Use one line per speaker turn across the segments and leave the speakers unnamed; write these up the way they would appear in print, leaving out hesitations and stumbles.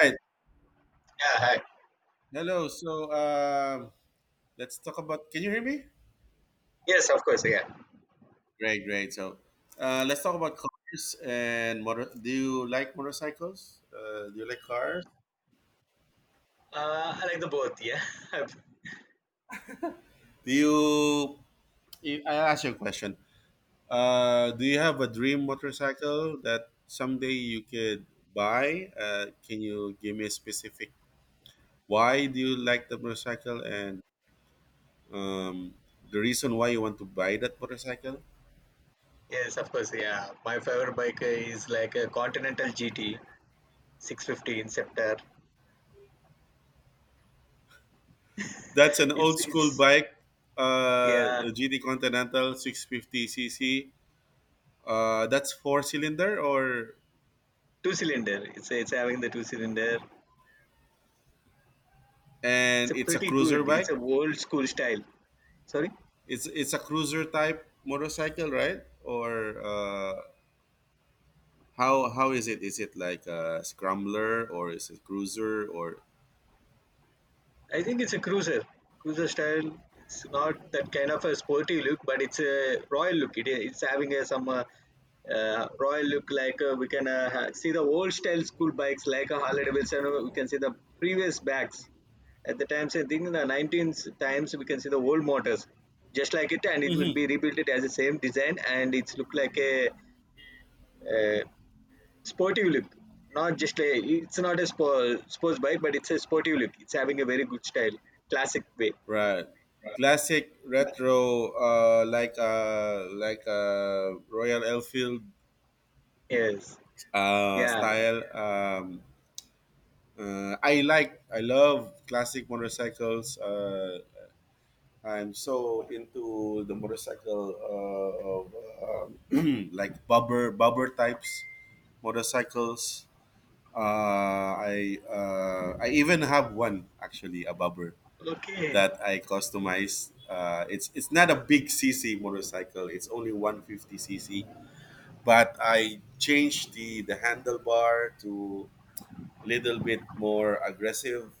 Right.
Yeah, hi.
Hello. So let's talk about. Can you hear me?
Yes, of course. Yeah,
Great, great. So let's talk about cars and motor. Do you like motorcycles? Do you like cars?
I like the both. Yeah,
Do you? I ask you a question. Do you have a dream motorcycle that someday you could buy? Can you give me a specific? Why do you like the motorcycle and um, the reason why you want to buy that motorcycle?
yes, of course. Yeah, my favorite bike is like a Continental GT 650 Inceptor.
That's an
It's
old school
it's
bike,
yeah,
a GT Continental 650 cc. That's four cylinder or.
two cylinder. It's having the two cylinder. It's a
And it's a
pretty
cruiser
good. It's
bike.
a old school style. Sorry.
It's a cruiser type motorcycle, right? Or how is it? Is it like a scrambler or is it cruiser or?
I think it's a cruiser style. It's not that kind of a sporty look, but it's a royal look. It's having a some royal look. Like we can see the old style school bikes, like a Harley Davidson. We can see the previous backs at the times. I think in the 19th times we can see the old motors, just like it, and it will
Hmm.
be rebuilt it as the same design, and it's look like a uh sportive look, not just a it's not a sports bike, but it's a sportive look. It's having a very good style, classic way.
Right. Classic retro, like Royal Enfield
Yes. Yeah.
style. I like, I love classic motorcycles. I'm so into the motorcycle of like bobber, bobber types motorcycles. Uh, I even have one actually, a bobber
Okay.
that I customized. It's not a big cc motorcycle. It's only 150 cc, but I changed the handlebar to a little bit more aggressive,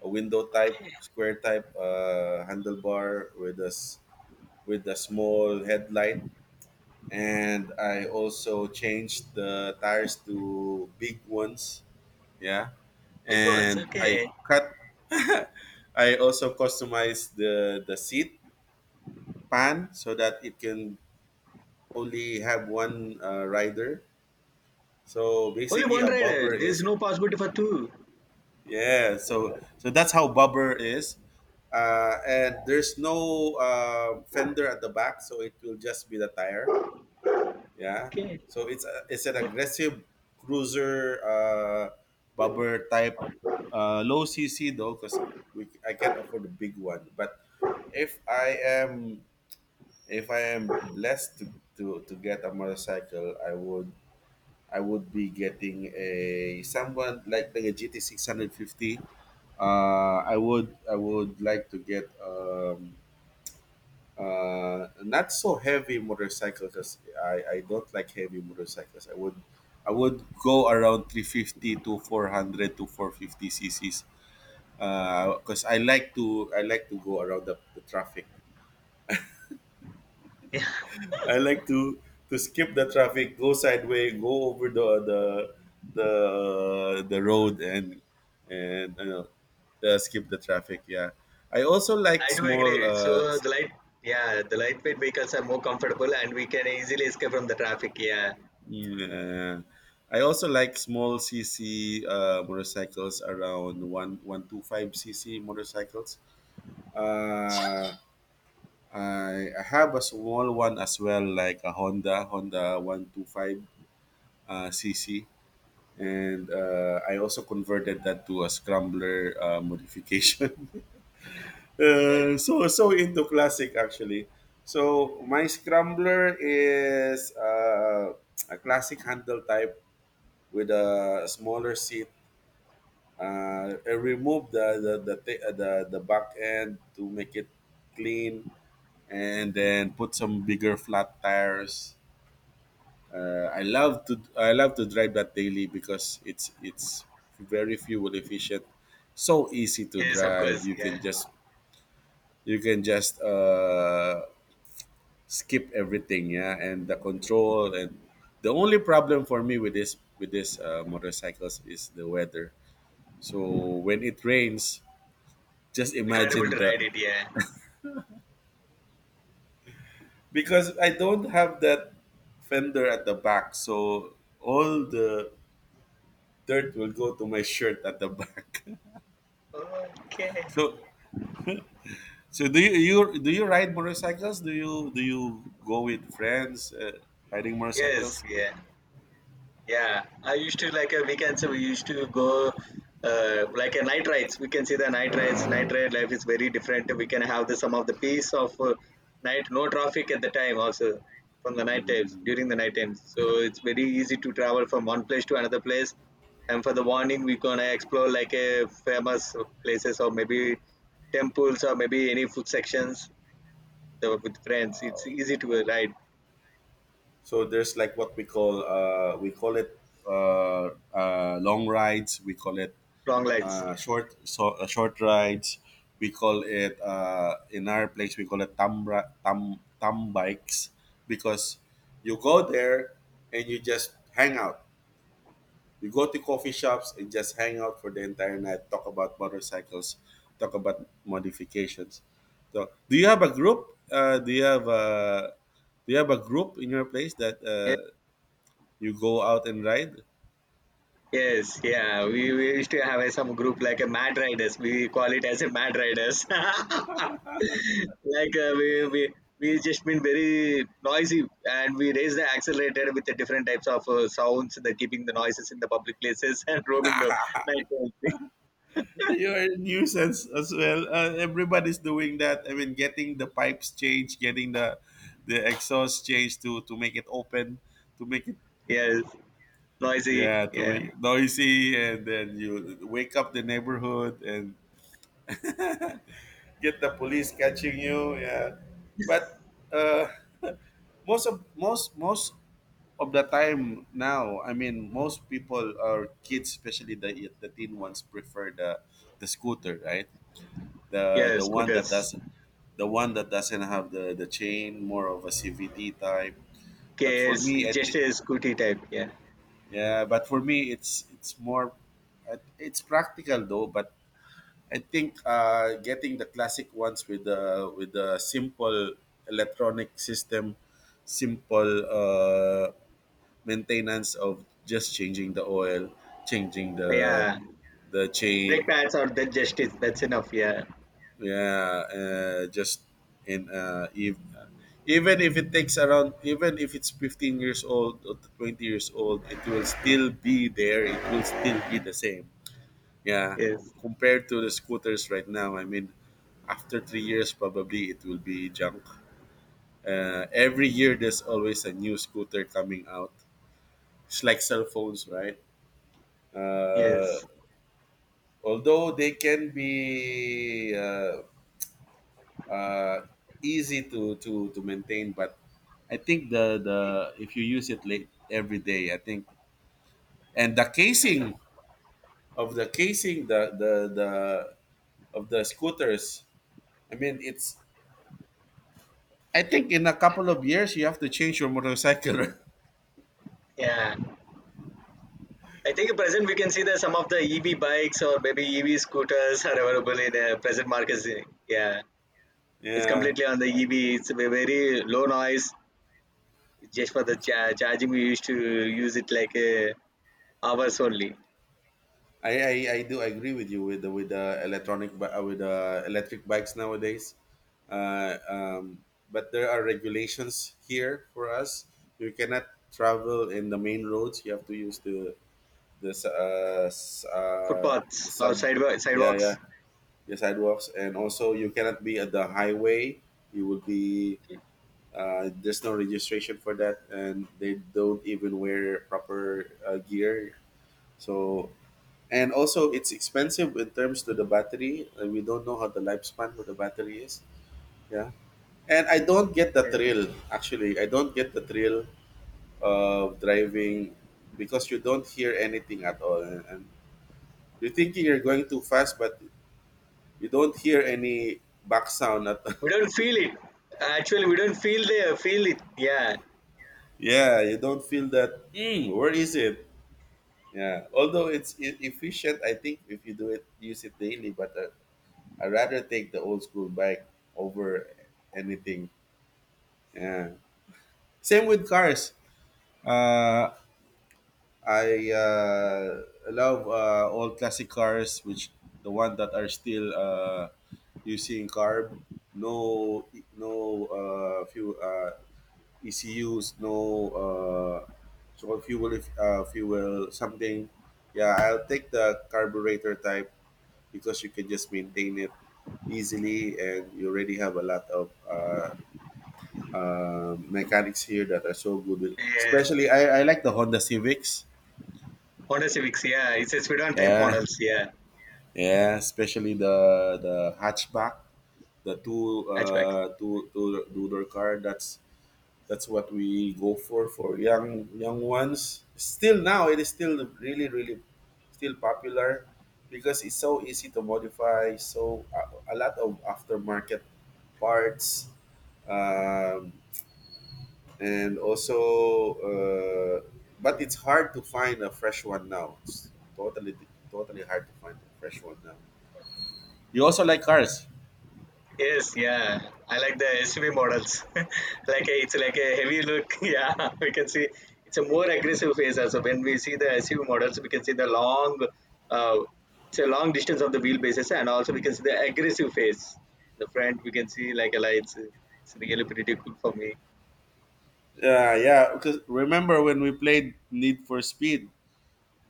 a window type,
Okay.
square type handlebar with a small headlight, and I also changed the tires to big ones. Yeah,
Big ones,
and I
okay.
cut. I also customized the seat pan so that it can only have one rider. So
Only
basically,
one
a
rider,
bobber
there's
is.
no possibility for two.
Yeah. So that's how bobber is, and there's no fender at the back, so it will just be the tire. Yeah,
Okay.
so it's a, it's an aggressive cruiser bumper type, low CC though, because I can't afford a big one. But if I am if I am blessed to get a motorcycle, I would be getting a someone like a GT 650. I would like to get not so heavy motorcycles. As I don't like heavy motorcycles. I would go around 350 to 400 to 450 cc's because I like to go around the traffic.
Yeah,
I like to skip the traffic, go sideways, go over the road and skip the traffic. Yeah, I also like
I do agree.
small
So the light yeah, the lightweight vehicles are more comfortable, and we can easily escape from the traffic. Yeah.
Yeah. I also like small cc motorcycles around one one two five cc motorcycles. Uh, I have a small one as well, like a Honda 125 cc, and I also converted that to a scrambler modification. So into classic actually. So my scrambler is a classic handle type with a smaller seat, and remove the, ta- the back end to make it clean, and then put some bigger flat tires. I love to drive that daily because it's very fuel efficient, so easy to
Yes, of
drive.
course.
you
Yeah,
can just you can just skip everything. Yeah, and the control. And the only problem for me with this motorcycles is the weather. So when it rains, just
we can't able
imagine
to ride
the,
it. Yeah.
because I don't have that fender at the back, so all the dirt will go to my shirt at the back.
Okay.
so so do you ride motorcycles? Do you go with friends, riding
Yes.
motorcycles?
Yeah. Yeah, I used to like a weekend, so we used to go like a night rides. We can see the night rides. Night ride life is very different. We can have the some of the peace of night, no traffic at the time also, from the night times,
Mhm.
during the night times. So it's very easy to travel from one place to another place. And for the morning, we're gonna explore like a famous places, or maybe temples, or maybe any food sections with friends. It's easy to ride
So there's like what we call it long rides. We call it
long rides.
short, so short rides. We call it in our place we call it tam tam bikes, because you go there and you just hang out. You go to coffee shops and just hang out for the entire night. Talk about motorcycles. Talk about modifications. So, do you have a group? Do you have a group in your place that you go out and ride?
Yes, yeah, we used to have some group like a Mad Riders. We call it as a Mad Riders. Like we just been very noisy, and we raise the accelerator with the different types of sounds, the keeping the noises in the public places, and roaming the night.
You are a nuisance as well. Everybody's doing that. I mean, getting the pipes changed, getting the exhaust changed to make it open, to make it.
Yes, noisy.
Yeah, to
Yeah,
make it noisy, and then you wake up the neighborhood and get the police catching you. Yeah, but uh, most of the time now, I mean, most people or kids, especially the teen ones, prefer the scooter, right? the
yeah,
the one that
scooters.
does the one that doesn't have the chain, more of a cvd type. But for
KS, it's
me,
it's
I think.
just a scooty type. Yeah,
Yeah, but for me it's more, it's practical though. But I think getting the classic ones with the simple electronic system, simple maintenance of just changing the oil, changing
yeah.
the
Brake
chain.
pads, or that just is that's enough. Yeah,
Yeah, just in if, even if it takes around, even if it's 15 years old or 20 years old, it will still be there. It will still be the same. Yeah,
yes,
compared to the scooters right now, I mean, after 3 years, probably it will be junk. Every year, there's always a new scooter coming out. It's like cell phones, right? Uh,
yes,
although they can be uh, easy to maintain. But I think the, if you use it late every day, I think, and the casing of the casing the of the scooters, I mean, it's I think in a couple of years you have to change your motorcycle.
yeah. I think at present we can see that some of the EV bikes or maybe EV scooters are available in present markets. Yeah, it's
Yeah,
completely on the EV. It's a very low noise. Just for the charging, we used to use it like hours only.
I do agree with you with the electronic with the electric bikes nowadays, uh, um, but there are regulations here for us. You cannot travel in the main roads. You have to use the s- s- the
Footpaths or
sub
sidewalk,
yeah, yeah,
sidewalks.
the sidewalks, and also you cannot be at the highway. You will be, there's no registration for that, and they don't even wear proper gear. So, and also it's expensive in terms to the battery, and we don't know how the lifespan of the battery is. Yeah, and I don't get the
Yeah.
thrill, actually, I don't get the thrill of driving, because you don't hear anything at all and you're thinking you're going too fast, but you don't hear any back sound at all.
We don't feel it. Actually, we don't feel it. Yeah.
Yeah, you don't feel that. Where is it? Yeah, although it's efficient, I think, if you do it, use it daily. But I rather take the old school bike over anything. Yeah. Same with cars. Uh, I love old classic cars, which the one that are still using carb, no, no fuel ECUs, no, so called fuel, if fuel something. Yeah, I'll take the carburetor type because you can just maintain it easily, and you already have a lot of mechanics here that are so good.
Yes.
Especially, I like the Honda Civics.
Honda Civics. Yeah, it's a sedan type
Yeah,
models. Yeah,
yeah. Especially the hatchback, the two
hatchback.
uh two two two door car. That's what we go for, young ones. Still now, it is still really really still popular because it's so easy to modify. So a lot of aftermarket parts, um, and also, but it's hard to find a fresh one now. It's totally, totally hard to find a fresh one now. You also like cars.
Yes, yeah. I like the SUV models. Like it's like a heavy look. Yeah, we can see it's a more aggressive face also. When we see the SUV models, we can see uh, it's a long distance of the wheelbases, and also we can see the aggressive face. The front we can see like a lights. It's really pretty cool for me.
Yeah, yeah, because remember when we played Need for Speed,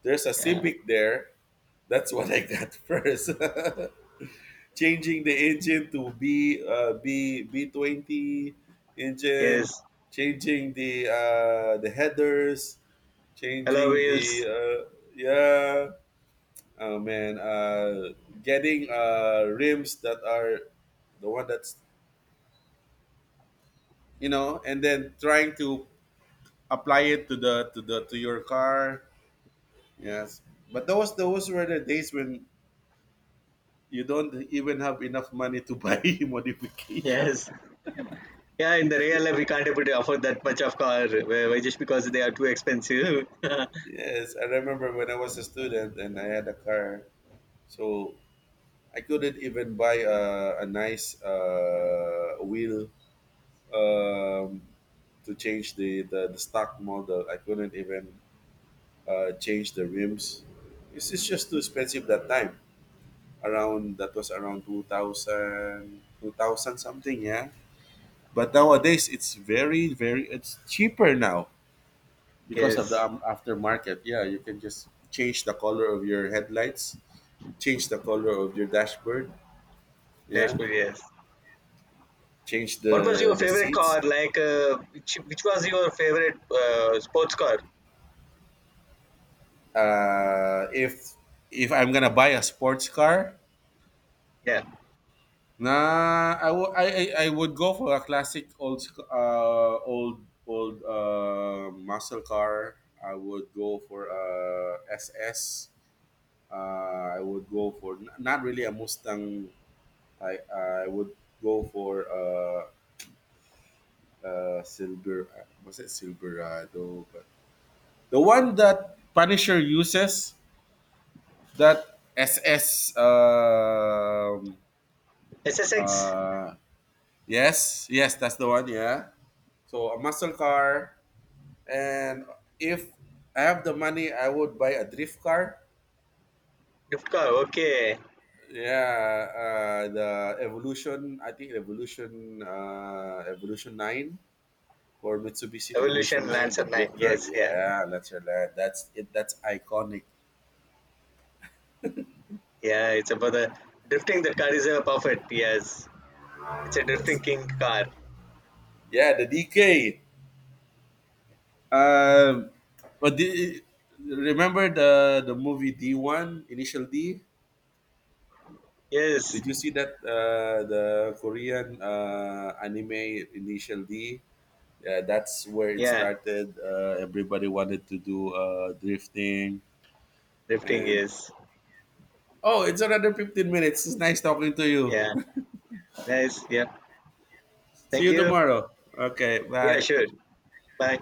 there's a
Yeah.
Civic there. That's what I got. First. Changing the engine to b b B20
Yes.
engine, changing the headers,
Hello
changing the
wheels.
yeah. Oh man, getting rims that are the one that's, and then trying to apply it to your car. Yes, but those were the days when you don't even have enough money to buy modification.
Yes. Yeah, in the real life we can't able to afford that much of car. Why just because they are too expensive.
Yes, I remember when I was a student and I had a car, so I couldn't even buy a nice wheel, um, to change the stock model. I couldn't even change the rims. It's just too expensive that time. Around that was around 2000, 2000 something, yeah. But nowadays it's very, very, it's cheaper now because of the
Yes.
aftermarket. Yeah, you can just change the color of your headlights, change the color of your dashboard, yeah,
Dashboard. Yes.
change
What was your
the
favorite
seats.
car? Like, which was your favorite sports car?
Uh, if if I'm gonna buy a sports car.
Yeah,
Nah, I would I would go for a classic old old muscle car. I would go for a SS. I would go for not really a Mustang. I would go for silver. Was it Silverado? But the one that Punisher uses, that SS.
SSX
Uh Yes, yes, that's the one. Yeah. So a muscle car, and if I have the money, I would buy a drift car.
drift car. Okay,
Yeah, the Evolution. I think Evolution, Evolution Nine or Mitsubishi
Evolution
Evolution Nine, the
Lancer Nine.
drift car.
Yes, yeah,
Yeah, that's your lad. That's it. That's iconic.
yeah. It's about the drifting. The car is a perfect. Yes, it's a
Yes.
drifting king car.
Yeah, the DK. Um, but the, remember the movie D One Initial D?
Yes,
Did you see that the Korean anime Initial D? Yeah, that's where it
yeah,
started. Everybody wanted to do drifting,
drifting.
and
Yes,
oh, it's another 15 minutes. It's nice talking to you.
yeah. Nice. Yeah.
See
Thank
you
you.
tomorrow. Okay,
Yeah,
bye.
sure. Bye.